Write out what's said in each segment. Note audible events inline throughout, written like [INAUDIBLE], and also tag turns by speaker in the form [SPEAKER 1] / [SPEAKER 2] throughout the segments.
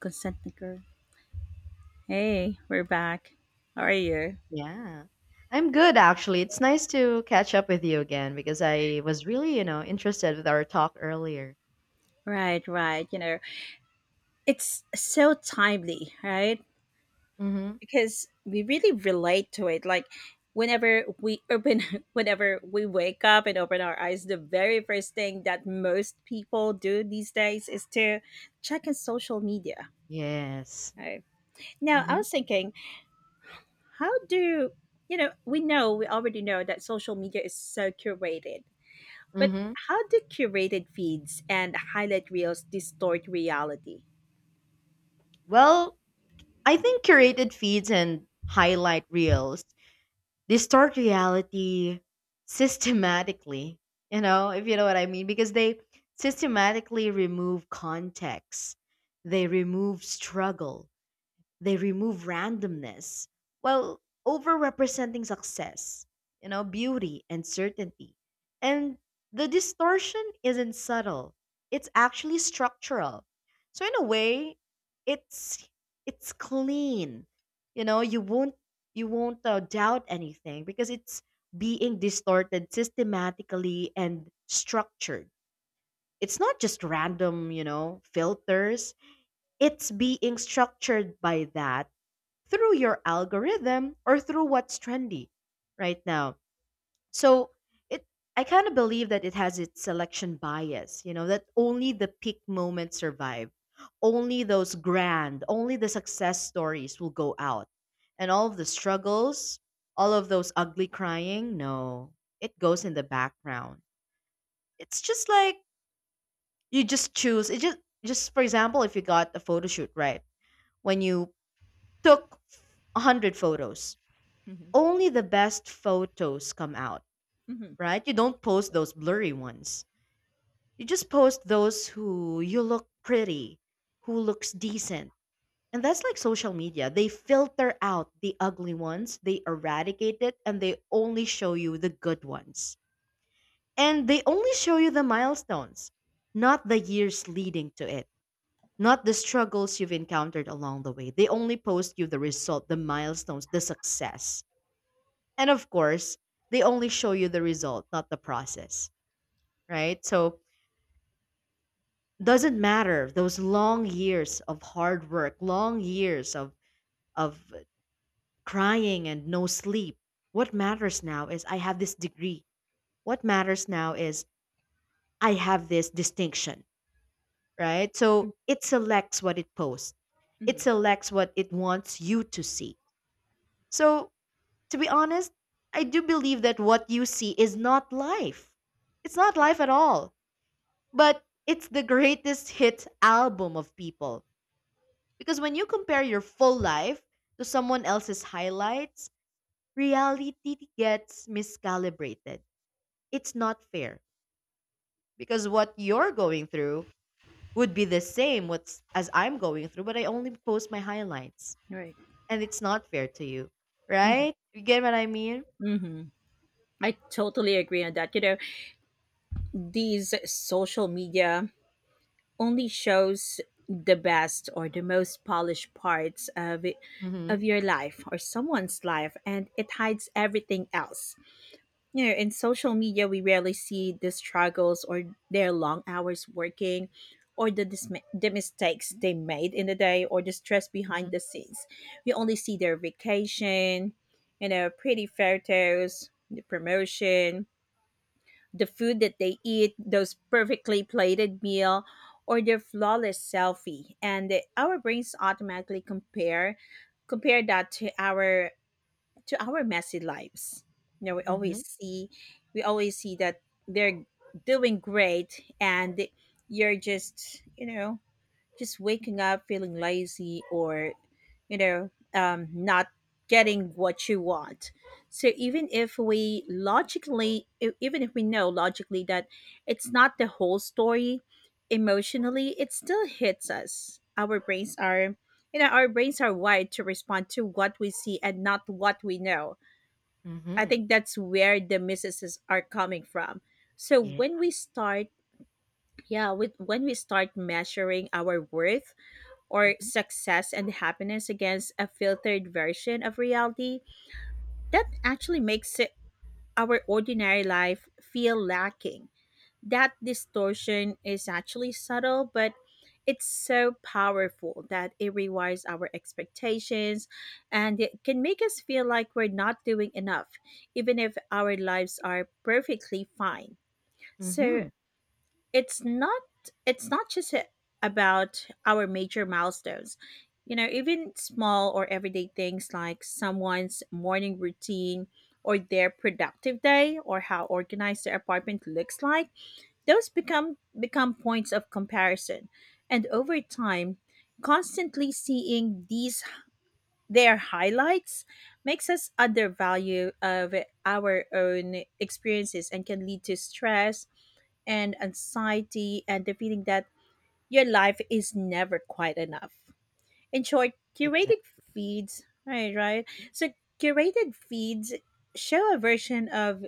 [SPEAKER 1] Consent decree. Hey, we're back. How are you?
[SPEAKER 2] Yeah. I'm good actually. It's nice to catch up with you again because I was really, interested with our talk earlier.
[SPEAKER 1] Right, right. You know, it's so timely, right?
[SPEAKER 2] Mm-hmm.
[SPEAKER 1] Because we really relate to it. Like whenever we open, [LAUGHS] whenever we wake up and open our eyes, the very first thing that most people do these days is to check in social media.
[SPEAKER 2] Yes.
[SPEAKER 1] Right. Now, I
[SPEAKER 2] Mm-hmm.
[SPEAKER 1] was thinking, how do you know? We know, we already know that social media is so curated. But
[SPEAKER 2] Mm-hmm.
[SPEAKER 1] how do curated feeds and highlight reels distort reality?
[SPEAKER 2] Well, I think curated feeds and highlight reels distort reality systematically. You know, if you know what I mean, because they systematically remove context, they remove struggle, they remove randomness while overrepresenting success, you know, beauty and certainty. And the distortion isn't subtle. It's actually structural. So in a way, it's it's clean. You know, you won't doubt anything because it's being distorted systematically and structured. It's not just random, you know, filters. It's being structured by that through your algorithm or through what's trendy right now. So it I kind of believe that it has its selection bias, you know, that only the peak moments survive. Only those grand, only the success stories will go out. And all of the struggles, all of those ugly crying, no. It goes in the background. It's just like you just choose. It Just for example, if you got a photo shoot, right? When you took 100 photos,
[SPEAKER 1] Hmm.
[SPEAKER 2] only the best photos come out,
[SPEAKER 1] Hmm.
[SPEAKER 2] right? You don't post those blurry ones. You just post those who you look pretty, who looks decent. And that's like social media. They filter out the ugly ones, they eradicate it, and they only show you the good ones. And they only show you the milestones, not the years leading to it, not the struggles you've encountered along the way. They only post you the result, the milestones, the success. And of course, they only show you the result, not the process, right? So doesn't matter those long years of hard work, long years of crying and no sleep. What matters now is I have this degree. What matters now is I have this distinction, right? So it selects what it posts. It
[SPEAKER 1] Hmm.
[SPEAKER 2] selects what it wants you to see. So to be honest, I do believe that what you see is not life. It's not life at all, but it's the greatest hits album of people. Because when you compare your full life to someone else's highlights, reality gets miscalibrated. It's not fair because what you're going through would be the same what's as I'm going through, but I only post my highlights,
[SPEAKER 1] Right.
[SPEAKER 2] and it's not fair to you, right? You get what I mean?
[SPEAKER 1] Hmm. I totally agree on that. You know, these social media only shows the best or the most polished parts of it, of
[SPEAKER 2] Mm-hmm.
[SPEAKER 1] your life or someone's life, and it hides everything else. You know, in social media, we rarely see the struggles or their long hours working or the mistakes they made in the day or the stress behind
[SPEAKER 2] Mm-hmm.
[SPEAKER 1] the scenes. We only see their vacation, you know, pretty photos, the promotion, the food that they eat, those perfectly plated meal, or their flawless selfie. And our brains automatically compare that to our messy lives. You know, we always
[SPEAKER 2] Mm-hmm.
[SPEAKER 1] see that they're doing great and you're just, just waking up feeling lazy or not getting what you want, so even if we even if we know logically that it's not the whole story, emotionally it still hits us. Our brains are wired to respond to what we see and not what we know. I
[SPEAKER 2] Mm-hmm.
[SPEAKER 1] think that's where the misses are coming from. So
[SPEAKER 2] Yeah.
[SPEAKER 1] when we start, yeah, with when we start measuring our worth or
[SPEAKER 2] Mm-hmm.
[SPEAKER 1] success and happiness against a filtered version of reality, that actually makes it our ordinary life feel lacking. That distortion is actually subtle, but it's so powerful that it rewires our expectations, and it can make us feel like we're not doing enough, even if our lives are perfectly fine. So,
[SPEAKER 2] Mm-hmm.
[SPEAKER 1] it's not it's not just about our major milestones. You know, even small or everyday things like someone's morning routine or their productive day or how organized their apartment looks like, those become points of comparison. And over time, constantly seeing these their highlights makes us undervalue of our own experiences and can lead to stress and anxiety and the feeling that your life is never quite enough. In short, curated
[SPEAKER 2] Exactly.
[SPEAKER 1] feeds, right, right. So curated feeds show a version of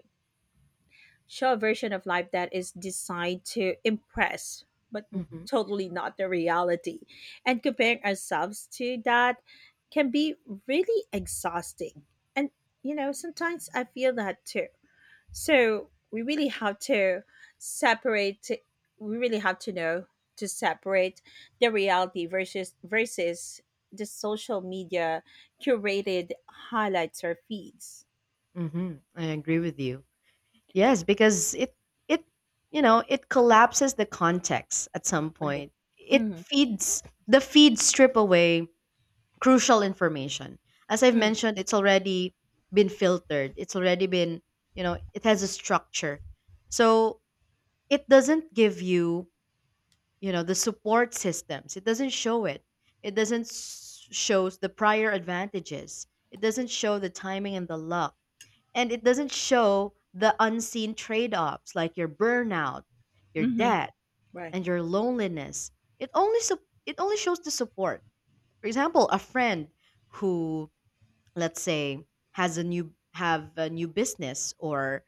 [SPEAKER 1] show a version of life that is designed to impress, but
[SPEAKER 2] Mm-hmm.
[SPEAKER 1] totally not the reality. And comparing ourselves to that can be really exhausting. And you know, sometimes I feel that too, so we really have to separate. We really have to know to separate the reality versus the social media curated highlights or feeds.
[SPEAKER 2] Mm-hmm. I agree with you. Yes, because it you know it collapses the context at some
[SPEAKER 1] Right.
[SPEAKER 2] point. It
[SPEAKER 1] Mm-hmm.
[SPEAKER 2] feeds, the feeds strip away crucial information. As I've mentioned, it's already been filtered. It's already been, you know, it has a structure, so it doesn't give you, you know, the support systems. It doesn't show it. It doesn't s- shows the prior advantages. It doesn't show the timing and the luck, and it doesn't show the unseen trade offs like your burnout, your
[SPEAKER 1] Mm-hmm.
[SPEAKER 2] debt,
[SPEAKER 1] Right.
[SPEAKER 2] and your loneliness. It only shows the support. For example, a friend who, let's say, has a new have a new business or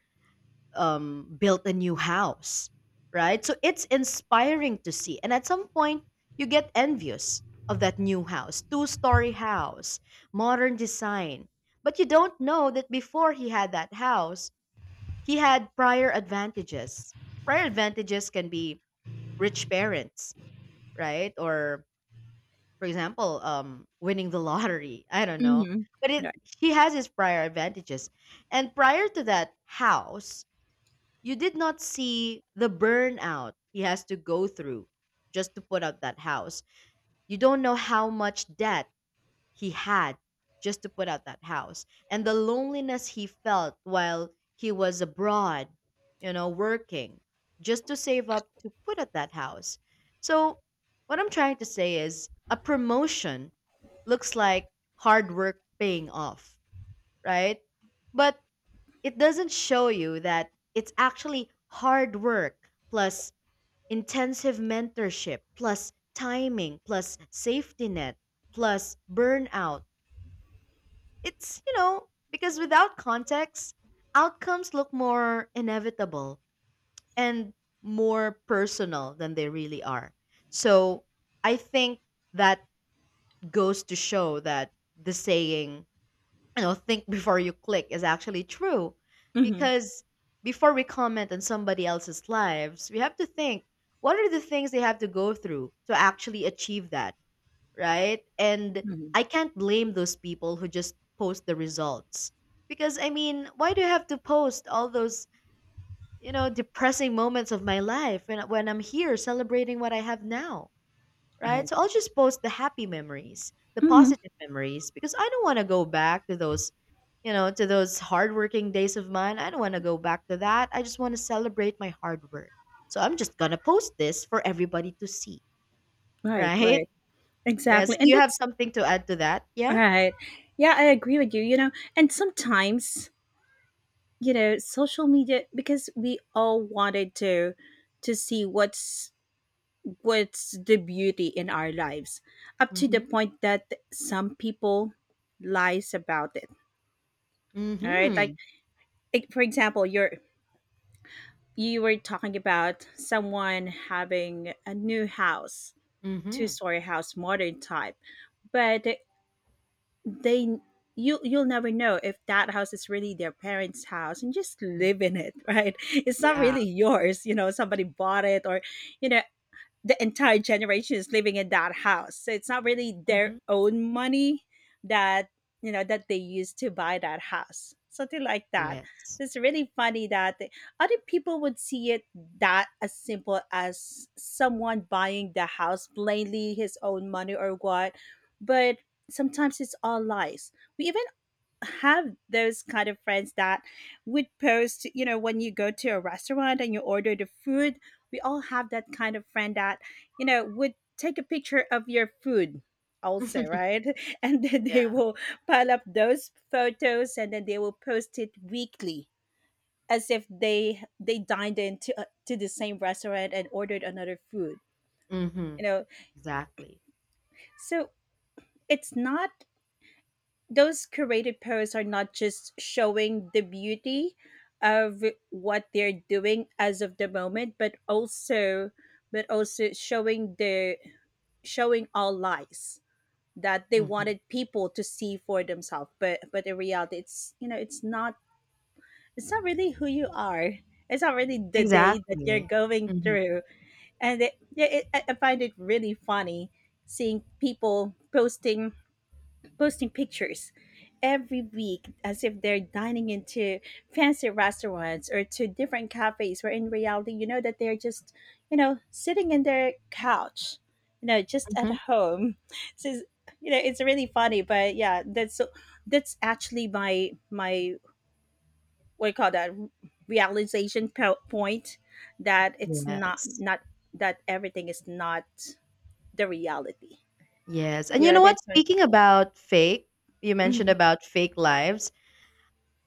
[SPEAKER 2] built a new house, right? So it's inspiring to see, and at some point you get envious of that new house, two-story house, modern design. But you don't know that before he had that house, he had prior advantages. Prior advantages can be rich parents, right? Or for example, winning the [LAUGHS] lottery. I don't know.
[SPEAKER 1] Mm-hmm.
[SPEAKER 2] But it
[SPEAKER 1] Right.
[SPEAKER 2] He has his prior advantages. And prior to that house, you did not see the burnout he has to go through just to put up that house. You don't know how much debt he had just to put out that house and the loneliness he felt while he was abroad, you know, working just to save up to put out that house. So what I'm trying to say is a promotion looks like hard work paying off, right? But it doesn't show you that it's actually hard work plus intensive mentorship plus timing plus safety net plus burnout. It's, you know, because without context, outcomes look more inevitable and more personal than they really are. So I think that goes to show that the saying, you know, think before you click is actually true,
[SPEAKER 1] Mm-hmm.
[SPEAKER 2] because before we comment on somebody else's lives, we have to think, what are the things they have to go through to actually achieve that? Right? And I
[SPEAKER 1] Hmm.
[SPEAKER 2] can't blame those people who just post the results. Because I mean, why do you have to post all those, you know, depressing moments of my life when I'm here celebrating what I have now, right?
[SPEAKER 1] Right.
[SPEAKER 2] So I'll just post the happy memories, the
[SPEAKER 1] Mm-hmm.
[SPEAKER 2] positive memories because I don't want to go back to those, you know, to those hardworking days of mine. I don't want to go back to that. I just want to celebrate my hard work. So I'm just going to post this for everybody to see, [LAUGHS]
[SPEAKER 1] Right,
[SPEAKER 2] right?
[SPEAKER 1] right. Exactly.
[SPEAKER 2] Yes. Do
[SPEAKER 1] And
[SPEAKER 2] you have
[SPEAKER 1] that's
[SPEAKER 2] something to add to that? Yeah.
[SPEAKER 1] right. Yeah, I agree with you. You know, and sometimes, you know, social media, because we all wanted to see what's the beauty in our lives, up to the
[SPEAKER 2] Mhm.
[SPEAKER 1] point that some people lies about it. All right, like
[SPEAKER 2] Mhm.
[SPEAKER 1] like, for example, you were talking about someone having a new house, two
[SPEAKER 2] Mhm.
[SPEAKER 1] story house, modern type, but they you you'll never know if that house is really their parents house and just
[SPEAKER 2] Mm.
[SPEAKER 1] live in it. [LAUGHS] Right, it's not
[SPEAKER 2] Yeah.
[SPEAKER 1] really yours. You know, somebody bought it, or, you know, the entire generation is living in that house. So it's not really their
[SPEAKER 2] Mhm.
[SPEAKER 1] own money that you know that they use to buy that house. Something like that.
[SPEAKER 2] Yes.
[SPEAKER 1] It's really funny that other people would see it that as simple as someone buying the house plainly his own money or what, but sometimes it's all lies. We even have those kind of friends that would post, you know, when you go to a restaurant and you order the food, we all have that kind of friend that, you know, would take a picture of your food also,
[SPEAKER 2] [LAUGHS]
[SPEAKER 1] right? [LAUGHS] And then
[SPEAKER 2] Yeah.
[SPEAKER 1] they will pile up those photos and then they will post it weekly as if they dined into to the same restaurant and ordered another food. You
[SPEAKER 2] Mhm.
[SPEAKER 1] know,
[SPEAKER 2] Exactly.
[SPEAKER 1] so it's not, those curated posts are not just showing the beauty of what they're doing as of the moment, but also showing the, showing all lies that they
[SPEAKER 2] Mhm.
[SPEAKER 1] wanted people to see for themselves, but in reality it's, you know, it's not, it's not really who you are, it's not really the day that you're
[SPEAKER 2] Exactly.
[SPEAKER 1] going
[SPEAKER 2] Mhm.
[SPEAKER 1] through. And, it, yeah, it I find it really funny seeing people posting, pictures every week as if they're dining into fancy restaurants or to different cafes where in reality you know that they're just, you know, sitting in their couch, you know, just at
[SPEAKER 2] Mhm.
[SPEAKER 1] home. [LAUGHS] So it's, you know, it's really funny, but yeah, that's actually my what do you call that, realization point, that it's
[SPEAKER 2] Yes.
[SPEAKER 1] not that everything is not the reality.
[SPEAKER 2] Yes. And
[SPEAKER 1] You
[SPEAKER 2] you
[SPEAKER 1] know,
[SPEAKER 2] know
[SPEAKER 1] they're
[SPEAKER 2] what?
[SPEAKER 1] trying.
[SPEAKER 2] Speaking about fake, you mentioned
[SPEAKER 1] Mhm.
[SPEAKER 2] about fake lives.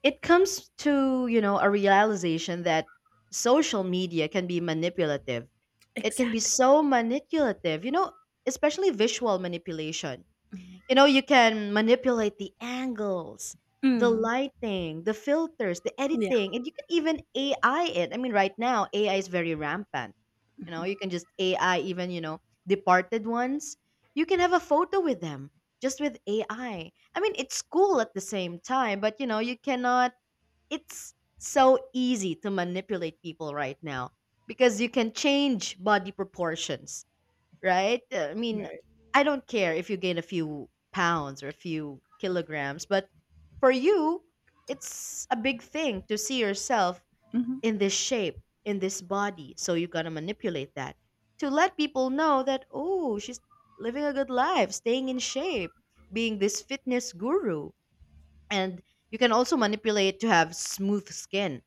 [SPEAKER 2] It comes to, you know, a realization that social media can be manipulative. It can be
[SPEAKER 1] Exactly.
[SPEAKER 2] so manipulative, you know, especially visual manipulation.
[SPEAKER 1] Mhm.
[SPEAKER 2] You know, you can manipulate the angles, the
[SPEAKER 1] Mhm.
[SPEAKER 2] lighting, the filters, the
[SPEAKER 1] Yeah.
[SPEAKER 2] editing, and you can even AI it. I mean, right now, AI is very rampant. You
[SPEAKER 1] Mhm.
[SPEAKER 2] know, you can just AI even, you know, departed ones. You can have a photo with them just with AI. I mean, it's cool at the same time, but you know, you cannot, it's so easy to manipulate people right now because you can change body proportions, right? I mean,
[SPEAKER 1] Right.
[SPEAKER 2] I don't care if you gain a few pounds or a few kilograms, but for you, it's a big thing to see yourself
[SPEAKER 1] Hmm.
[SPEAKER 2] in this shape, in this body. So you got to manipulate that to let people know that, oh, she's living a good life, staying in shape, being this fitness guru. And you can also manipulate to have smooth skin,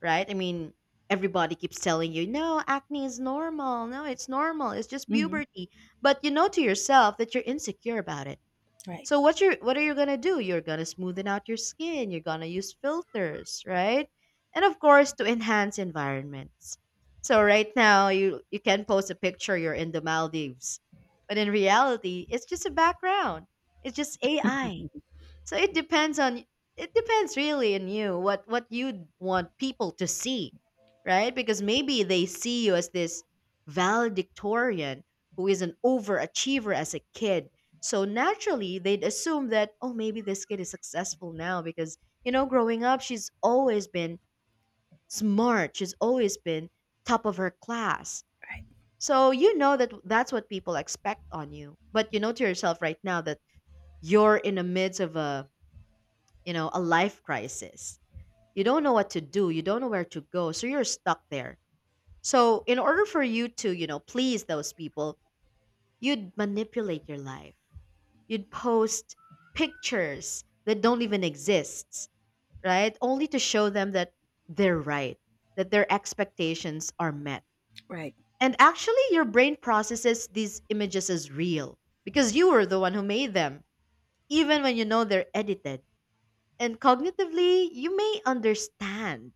[SPEAKER 2] right? I mean, everybody keeps telling you, no, acne is normal. No, it's normal. It's just
[SPEAKER 1] Hmm.
[SPEAKER 2] puberty. But you know to yourself that you're insecure about it.
[SPEAKER 1] Right.
[SPEAKER 2] So what are you gonna do? You're gonna smoothen out your skin. You're gonna use filters, right? And of course, to enhance environments. So right now, you can post a picture you're in the Maldives, but in reality, it's just a background. It's just AI.
[SPEAKER 1] Mhm.
[SPEAKER 2] So it depends really on you what you want people to see, right? Because maybe they see you as this valedictorian who is an overachiever as a kid. So naturally, they'd assume that oh maybe this kid is successful now because, you know, growing up she's always been smart, she's always been top of her class.
[SPEAKER 1] Right.
[SPEAKER 2] So you know that that's what people expect on you. But you know to yourself right now that you're in the midst of a, you know, a life crisis. You don't know what to do, you don't know where to go, so you're stuck there. So, in order for you to, you know, please those people, you'd manipulate your life. You'd post pictures that don't even exist, right? Only to show them that they're right, that their expectations are met.
[SPEAKER 1] Right.
[SPEAKER 2] And actually, your brain processes these images as real because you were the one who made them, even when you know they're edited. And cognitively, you may understand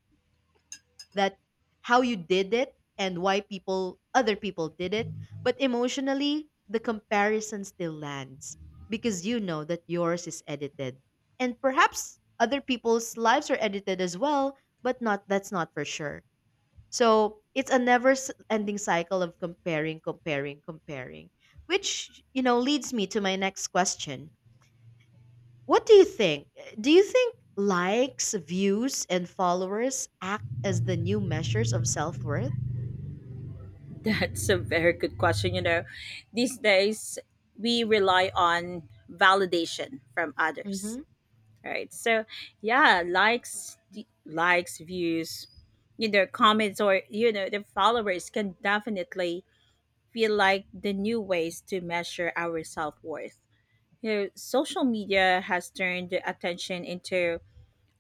[SPEAKER 2] that how you did it and why people other people did it, but emotionally the comparison still lands because you know that yours is edited and perhaps other people's lives are edited as well, but not that's not for sure. So it's a never s- ending cycle of comparing, comparing, comparing, which, you know, leads me to my next question. What do you think? Do you think likes, views, and followers act as the new measures of self worth?
[SPEAKER 1] That's a very good question. You know, these days we rely on validation from others.
[SPEAKER 2] Mm-hmm.
[SPEAKER 1] Right. So yeah, likes, views, you know, comments, or you know, the followers can definitely feel like the new ways to measure our self worth. You know, social media has turned attention into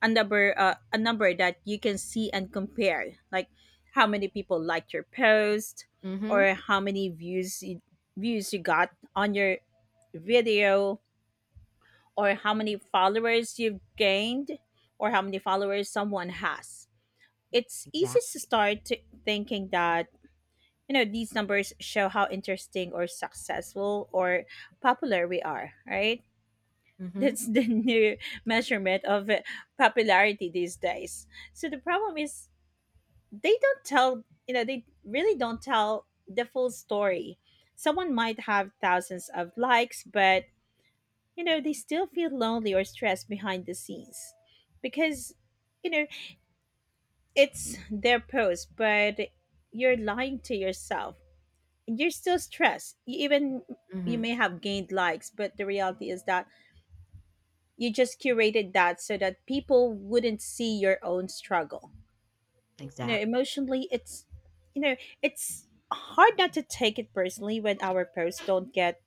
[SPEAKER 1] a number that you can see and compare, like how many people liked your post,
[SPEAKER 2] Mm-hmm.
[SPEAKER 1] or how many views you got on your video, or how many followers you've gained, or how many followers someone has. It's easy to
[SPEAKER 2] Exactly.
[SPEAKER 1] start to thinking that, you know, these numbers show how interesting or successful or popular we are, right?
[SPEAKER 2] Mm-hmm.
[SPEAKER 1] That's the [LAUGHS] new measurement of popularity these days. So the problem is they really don't tell the full story. Someone might have thousands of likes, but, you know, they still feel lonely or stressed behind the scenes because, you know, it's their post, but you're lying to yourself. You're still stressed. You
[SPEAKER 2] Mm-hmm.
[SPEAKER 1] may have gained likes, but the reality is that you just curated that so that people wouldn't see your own struggle. You know,
[SPEAKER 2] Exactly.
[SPEAKER 1] emotionally it's, you know, it's hard not to take it personally when our posts don't get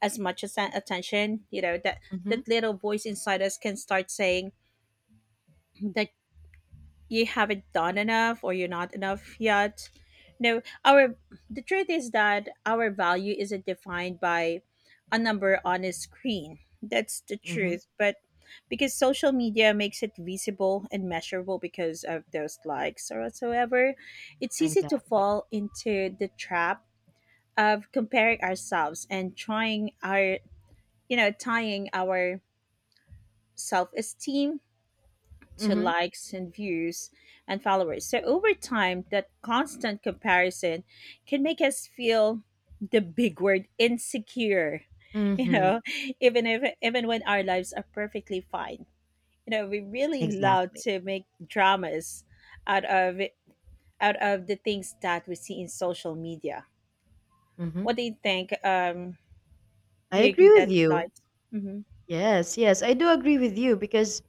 [SPEAKER 1] as much as attention. You know that
[SPEAKER 2] Mm-hmm.
[SPEAKER 1] that little voice inside us can start saying that you haven't done enough or you're not enough yet. No, our the truth is that our value isn't defined by a number on a screen. That's the
[SPEAKER 2] Mm-hmm.
[SPEAKER 1] truth, but because social media makes it visible and measurable because of those likes or whatsoever, it's easy to
[SPEAKER 2] Exactly.
[SPEAKER 1] fall into the trap of comparing ourselves and trying our you know tying our self-esteem to
[SPEAKER 2] Mm-hmm.
[SPEAKER 1] likes and views and followers. So over time, that constant comparison can make us feel the big word insecure, [LAUGHS] you
[SPEAKER 2] Mm-hmm.
[SPEAKER 1] know, even if even when our lives are perfectly fine. You know, we really love
[SPEAKER 2] Exactly.
[SPEAKER 1] to make dramas out of out of the things that we see in social media.
[SPEAKER 2] Mm-hmm.
[SPEAKER 1] What do you think?
[SPEAKER 2] I
[SPEAKER 1] Do you
[SPEAKER 2] agree
[SPEAKER 1] agree
[SPEAKER 2] with
[SPEAKER 1] that,
[SPEAKER 2] you.
[SPEAKER 1] like, mm-hmm.
[SPEAKER 2] Yes, yes, I do agree with you because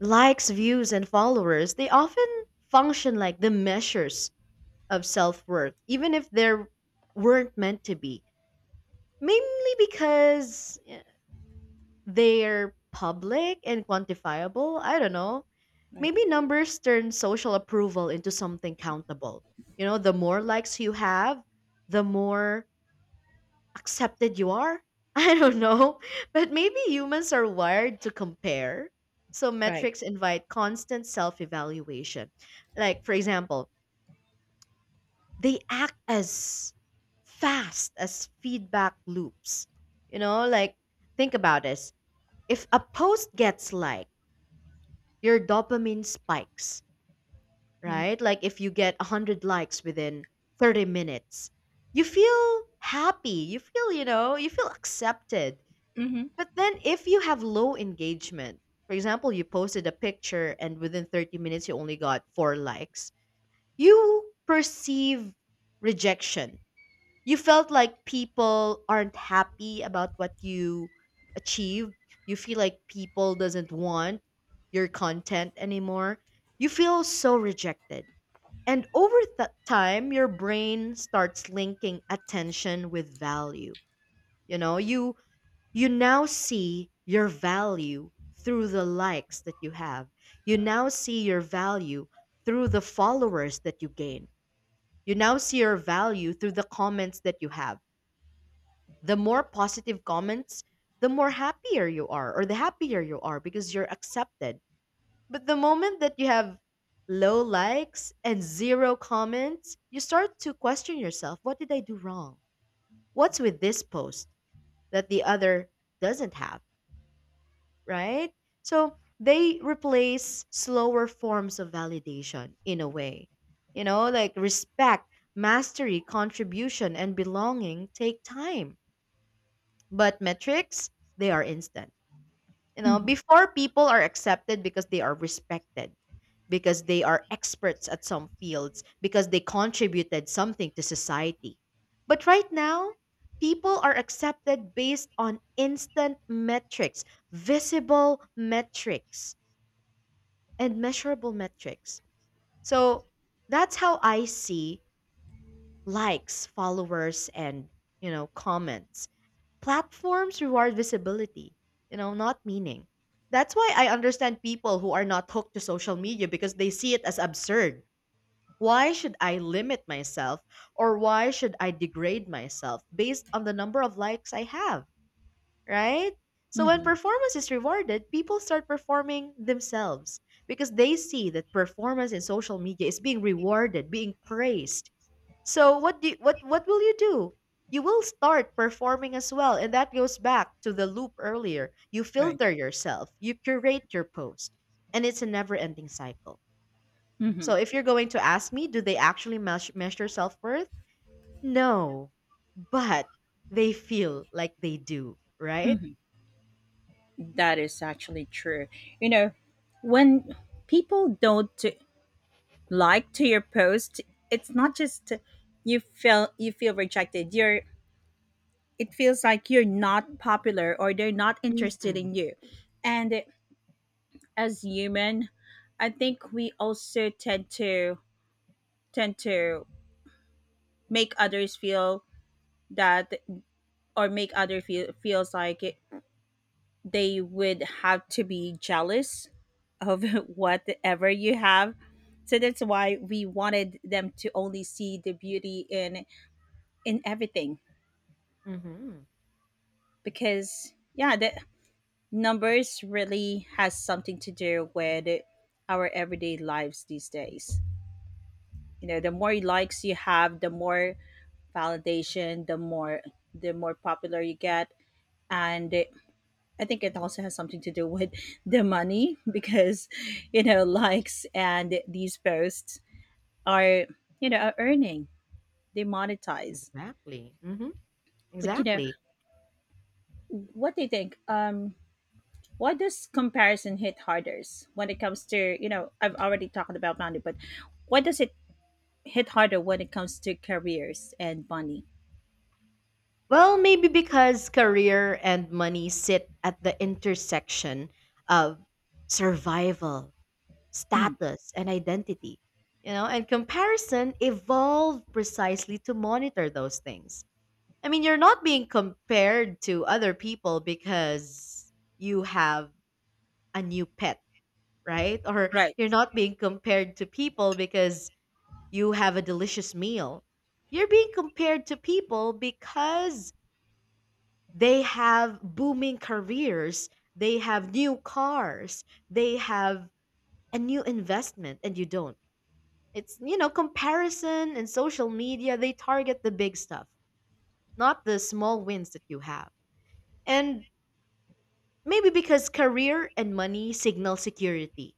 [SPEAKER 2] likes, views, and followers, they often function like the measures of self worth, even if they weren't meant to be. Mainly because they're public and quantifiable. I don't know.
[SPEAKER 1] Right.
[SPEAKER 2] Maybe numbers turn social approval into something countable. You know, the more likes you have, the more accepted you are. [LAUGHS] I don't know. But maybe humans are wired to compare. So
[SPEAKER 1] Right.
[SPEAKER 2] metrics invite constant self evaluation. Like, for example, they act as fast as feedback loops. You know, like, think about it. If a post gets like your dopamine spikes,
[SPEAKER 1] Mm-hmm.
[SPEAKER 2] right? Like if you get 100 likes within 30 minutes, you feel happy, you feel, you know, you feel accepted. But then if you have low engagement, for example, you posted a picture and within 30 minutes you only got 4 likes, you perceive rejection. You felt like people aren't happy about what you achieved. You feel like people doesn't want your content anymore. You feel so rejected. And over that time your brain starts linking attention with value. You know, you now see your value through the likes that you have. You now see your value through the followers that you gain. You now see your value through the comments that you have. The more positive comments, the more happier you are, or the happier you are because you're accepted. But the moment that you have low likes and zero comments, you start to question yourself, what did I do wrong? What's with this post that the other doesn't have, right? So they replace slower forms of validation in a way. You know, like respect, mastery, contribution, and belonging take time. But metrics, they are instant. You know,
[SPEAKER 1] Mm-hmm.
[SPEAKER 2] before, people are accepted because they are respected, because they are experts at some fields, because they contributed something to society. But right now, people are accepted based on instant metrics, visible metrics, and measurable metrics. So that's how I see likes, followers, and comments. Platforms reward visibility, not meaning. That's why I understand people who are not hooked to social media because they see it as absurd. Why should I limit myself or why should I degrade myself based on the number of likes I have, right? So when
[SPEAKER 1] Mm-hmm.
[SPEAKER 2] performance is rewarded, people start performing themselves because they see that performance in social media is being rewarded, being praised. So what will you do? You will start performing as well, and that goes back to the loop earlier. You
[SPEAKER 1] Right.
[SPEAKER 2] filter yourself, you curate your post, and it's a never-ending cycle.
[SPEAKER 1] Mm-hmm.
[SPEAKER 2] So if you're going to ask me, do they actually measure self-worth? No, but they feel like they do, right?
[SPEAKER 1] That is actually true. You know, when people don't like to your post, it's not just, you feel rejected. You're, it feels like you're not popular or they're not interested
[SPEAKER 2] Mm-hmm.
[SPEAKER 1] in you. And as human, I think we also tend to make others feel that, or make other feels like it, they would have to be jealous of [LAUGHS] whatever you have. So that's why we wanted them to only see the beauty in everything,
[SPEAKER 2] Mm-hmm.
[SPEAKER 1] because yeah, the numbers really has something to do with our everyday lives these days. You know, the more likes you have, the more validation, the more, popular you get, and I think it also has something to do with the money [LAUGHS] because, you know, likes and these posts are, earning. They monetize.
[SPEAKER 2] Exactly. Mm-hmm.
[SPEAKER 1] But, you know,
[SPEAKER 2] Exactly.
[SPEAKER 1] what do you think? Why does comparison hit harder when it comes to, you know, I've already talked about money, but why does it hit harder when it comes to careers and money?
[SPEAKER 2] Well, maybe because career and money sit at the intersection of survival,
[SPEAKER 1] Mm,
[SPEAKER 2] status, and identity. You know, and comparison evolved precisely to monitor those things. I mean, you're not being compared to other people because you have a new pet, right? Or
[SPEAKER 1] right.
[SPEAKER 2] you're not being compared to people because you have a delicious meal. You're being compared to people because they have booming careers, they have new cars, they have a new investment, and you don't. It's, you know, comparison and social media, they target the big stuff, not the small wins that you have. And maybe because career and money signal security.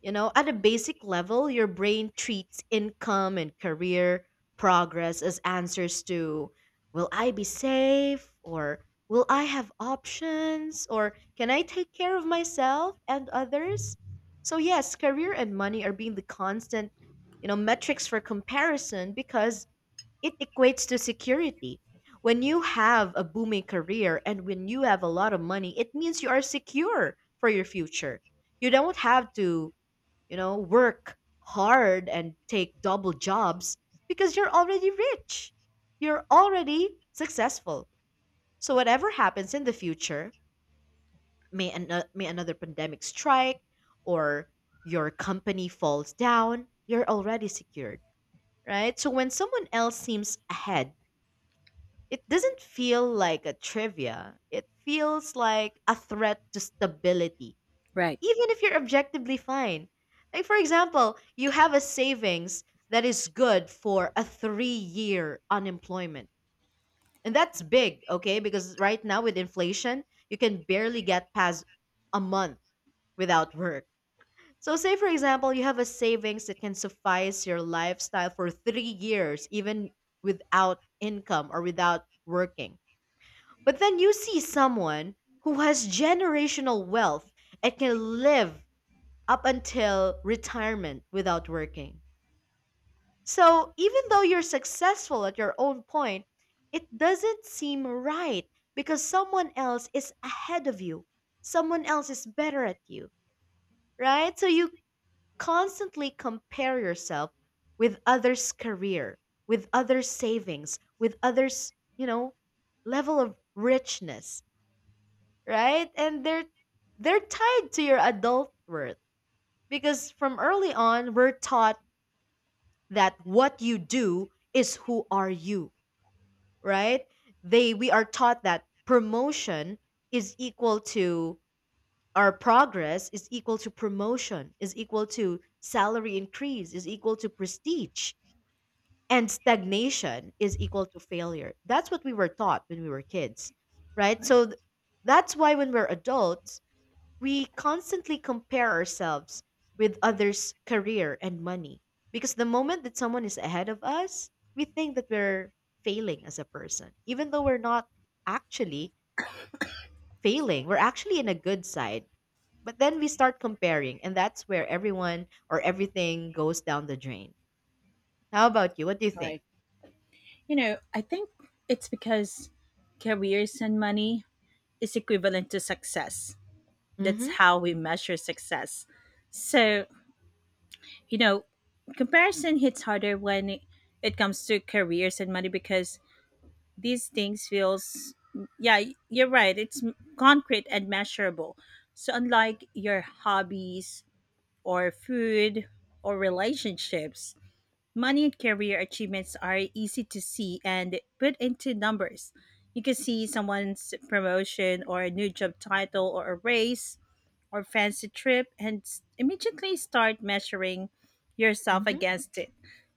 [SPEAKER 2] You know, at a basic level, your brain treats income and career progress as answers to, will I be safe, or will I have options, or can I take care of myself and others? So yes, career and money are being the constant, you know, metrics for comparison because it equates to security. When you have a booming career and when you have a lot of money, it means you are secure for your future. You don't have to, you know, work hard and take double jobs because you're already rich. You're already successful. So whatever happens in the future, may another pandemic strike or your company falls down, you're already secured, right? So when someone else seems ahead, it doesn't feel like a trivia. It feels like a threat to stability.
[SPEAKER 1] Right.
[SPEAKER 2] Even if you're objectively fine. Like, for example, you have a savings that is good for a 3 year unemployment. And that's big, okay? Because right now with inflation, you can barely get past a month without work. So, say for example, you have a savings that can suffice your lifestyle for 3 years, even without income or without working. But then you see someone who has generational wealth and can live up until retirement without working. So even though you're successful at your own point, it doesn't seem right because someone else is ahead of you. Someone else is better at you, right? So you constantly compare yourself with others' career, with others' savings, with others, you know, level of richness, right? And they're tied to your adult worth because from early on we're taught that what you do is who are you, right? They We are taught that promotion is equal to our progress is equal to promotion, is equal to salary increase, is equal to prestige, and stagnation is equal to failure. That's what we were taught when we were kids, right?
[SPEAKER 1] Right.
[SPEAKER 2] So that's why when we're adults, we constantly compare ourselves with others' career and money because the moment that someone is ahead of us, we think that we're failing as a person, even though we're not actually failing. We're actually in a good side. But then we start comparing, and that's where everyone or everything goes down the drain. How about you? What do you think?
[SPEAKER 1] Right. You know, I think it's because careers and money is equivalent to success. That's
[SPEAKER 2] Mm-hmm.
[SPEAKER 1] how we measure success. So, you know, comparison hits harder when it comes to careers and money because these things feels, yeah, you're right. It's concrete and measurable. So unlike your hobbies or food or relationships, money and career achievements are easy to see and put into numbers. You can see someone's promotion or a new job title or a raise or fancy trip and immediately start measuring yourself
[SPEAKER 2] Mm-hmm.
[SPEAKER 1] against it.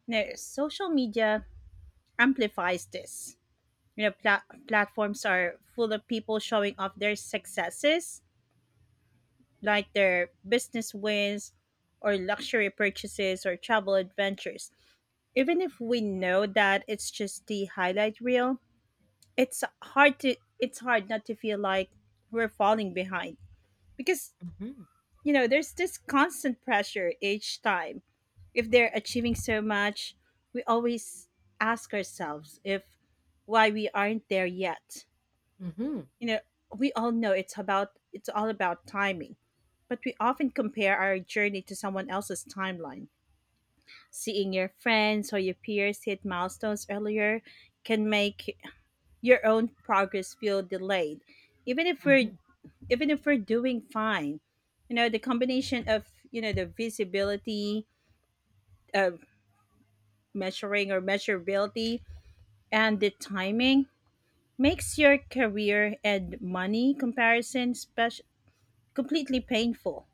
[SPEAKER 1] Now, social media amplifies this. You know, platforms are full of people showing off their successes, like their business wins or luxury purchases or travel adventures. Even if we know that it's just the highlight reel, it's hard not to feel like we're falling behind, because
[SPEAKER 2] Mm-hmm.
[SPEAKER 1] you know there's this constant pressure each time. If they're achieving so much, we always ask ourselves if why we aren't there yet.
[SPEAKER 2] Mm-hmm.
[SPEAKER 1] You know, we all know it's all about timing, but we often compare our journey to someone else's timeline. Seeing your friends or your peers hit milestones earlier can make your own progress feel delayed, even if we're
[SPEAKER 2] Mm-hmm.
[SPEAKER 1] doing fine. You know, the combination of, you know, the visibility of measuring or measurability and the timing makes your career and money comparison special, completely painful.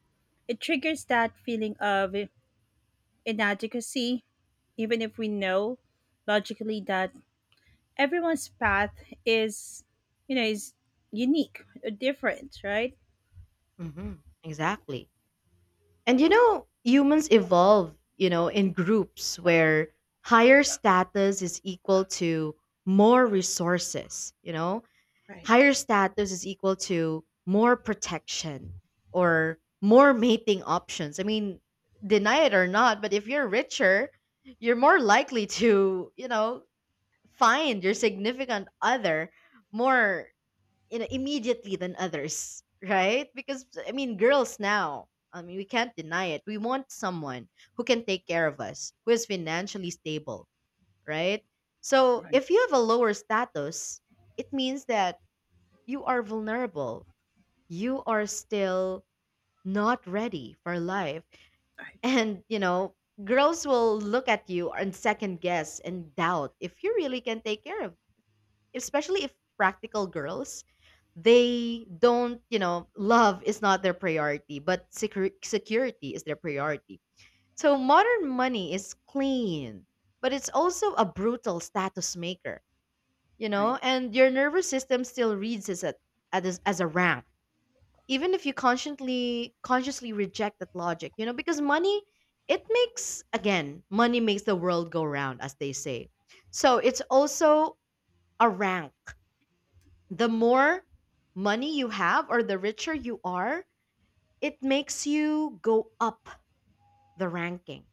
[SPEAKER 1] It triggers that feeling of inadequacy even if we know logically that everyone's path is you know is unique or different, right?
[SPEAKER 2] Mm-hmm. Exactly. And you know, humans evolve, you know, in groups where higher status is equal to more resources, you know,
[SPEAKER 1] Right.
[SPEAKER 2] higher status is equal to more protection or more mating options. I mean, deny it or not, but if you're richer, you're more likely to, you know, find your significant other more you know immediately than others, right? Because I mean, girls now, I mean, we can't deny it, we want someone who can take care of us, who is financially stable, right? So if you have a lower status, it means that you are vulnerable, you are still not ready for life. And you know, girls will look at you and second guess and doubt if you really can take care of, especially if practical girls, they don't, you know, love is not their priority, but security is their priority. So modern money is clean, but it's also a brutal status maker. You know,
[SPEAKER 1] Right.
[SPEAKER 2] and your nervous system still reads as a, as as a rank, even if you consciously reject that logic. You know, because money, it makes, again, money makes the world go round, as they say. So it's also a rank. The more money you have, or the richer you are, it makes you go up the ranking,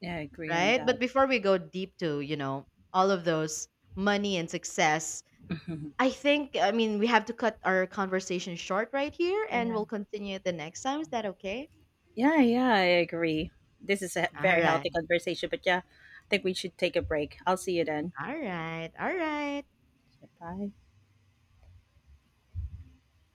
[SPEAKER 1] Yeah, I agree on
[SPEAKER 2] right?
[SPEAKER 1] that.
[SPEAKER 2] But before we go deep to, you know, all of those money and success,
[SPEAKER 1] [LAUGHS]
[SPEAKER 2] I think, I mean, we have to cut our conversation short right here and
[SPEAKER 1] Right.
[SPEAKER 2] we'll continue it the next time. Is that okay?
[SPEAKER 1] Yeah, yeah, I agree. This is a
[SPEAKER 2] All
[SPEAKER 1] very
[SPEAKER 2] right.
[SPEAKER 1] healthy conversation, but yeah, I think we should take a break. I'll see you then.
[SPEAKER 2] All right. All right.
[SPEAKER 1] Bye.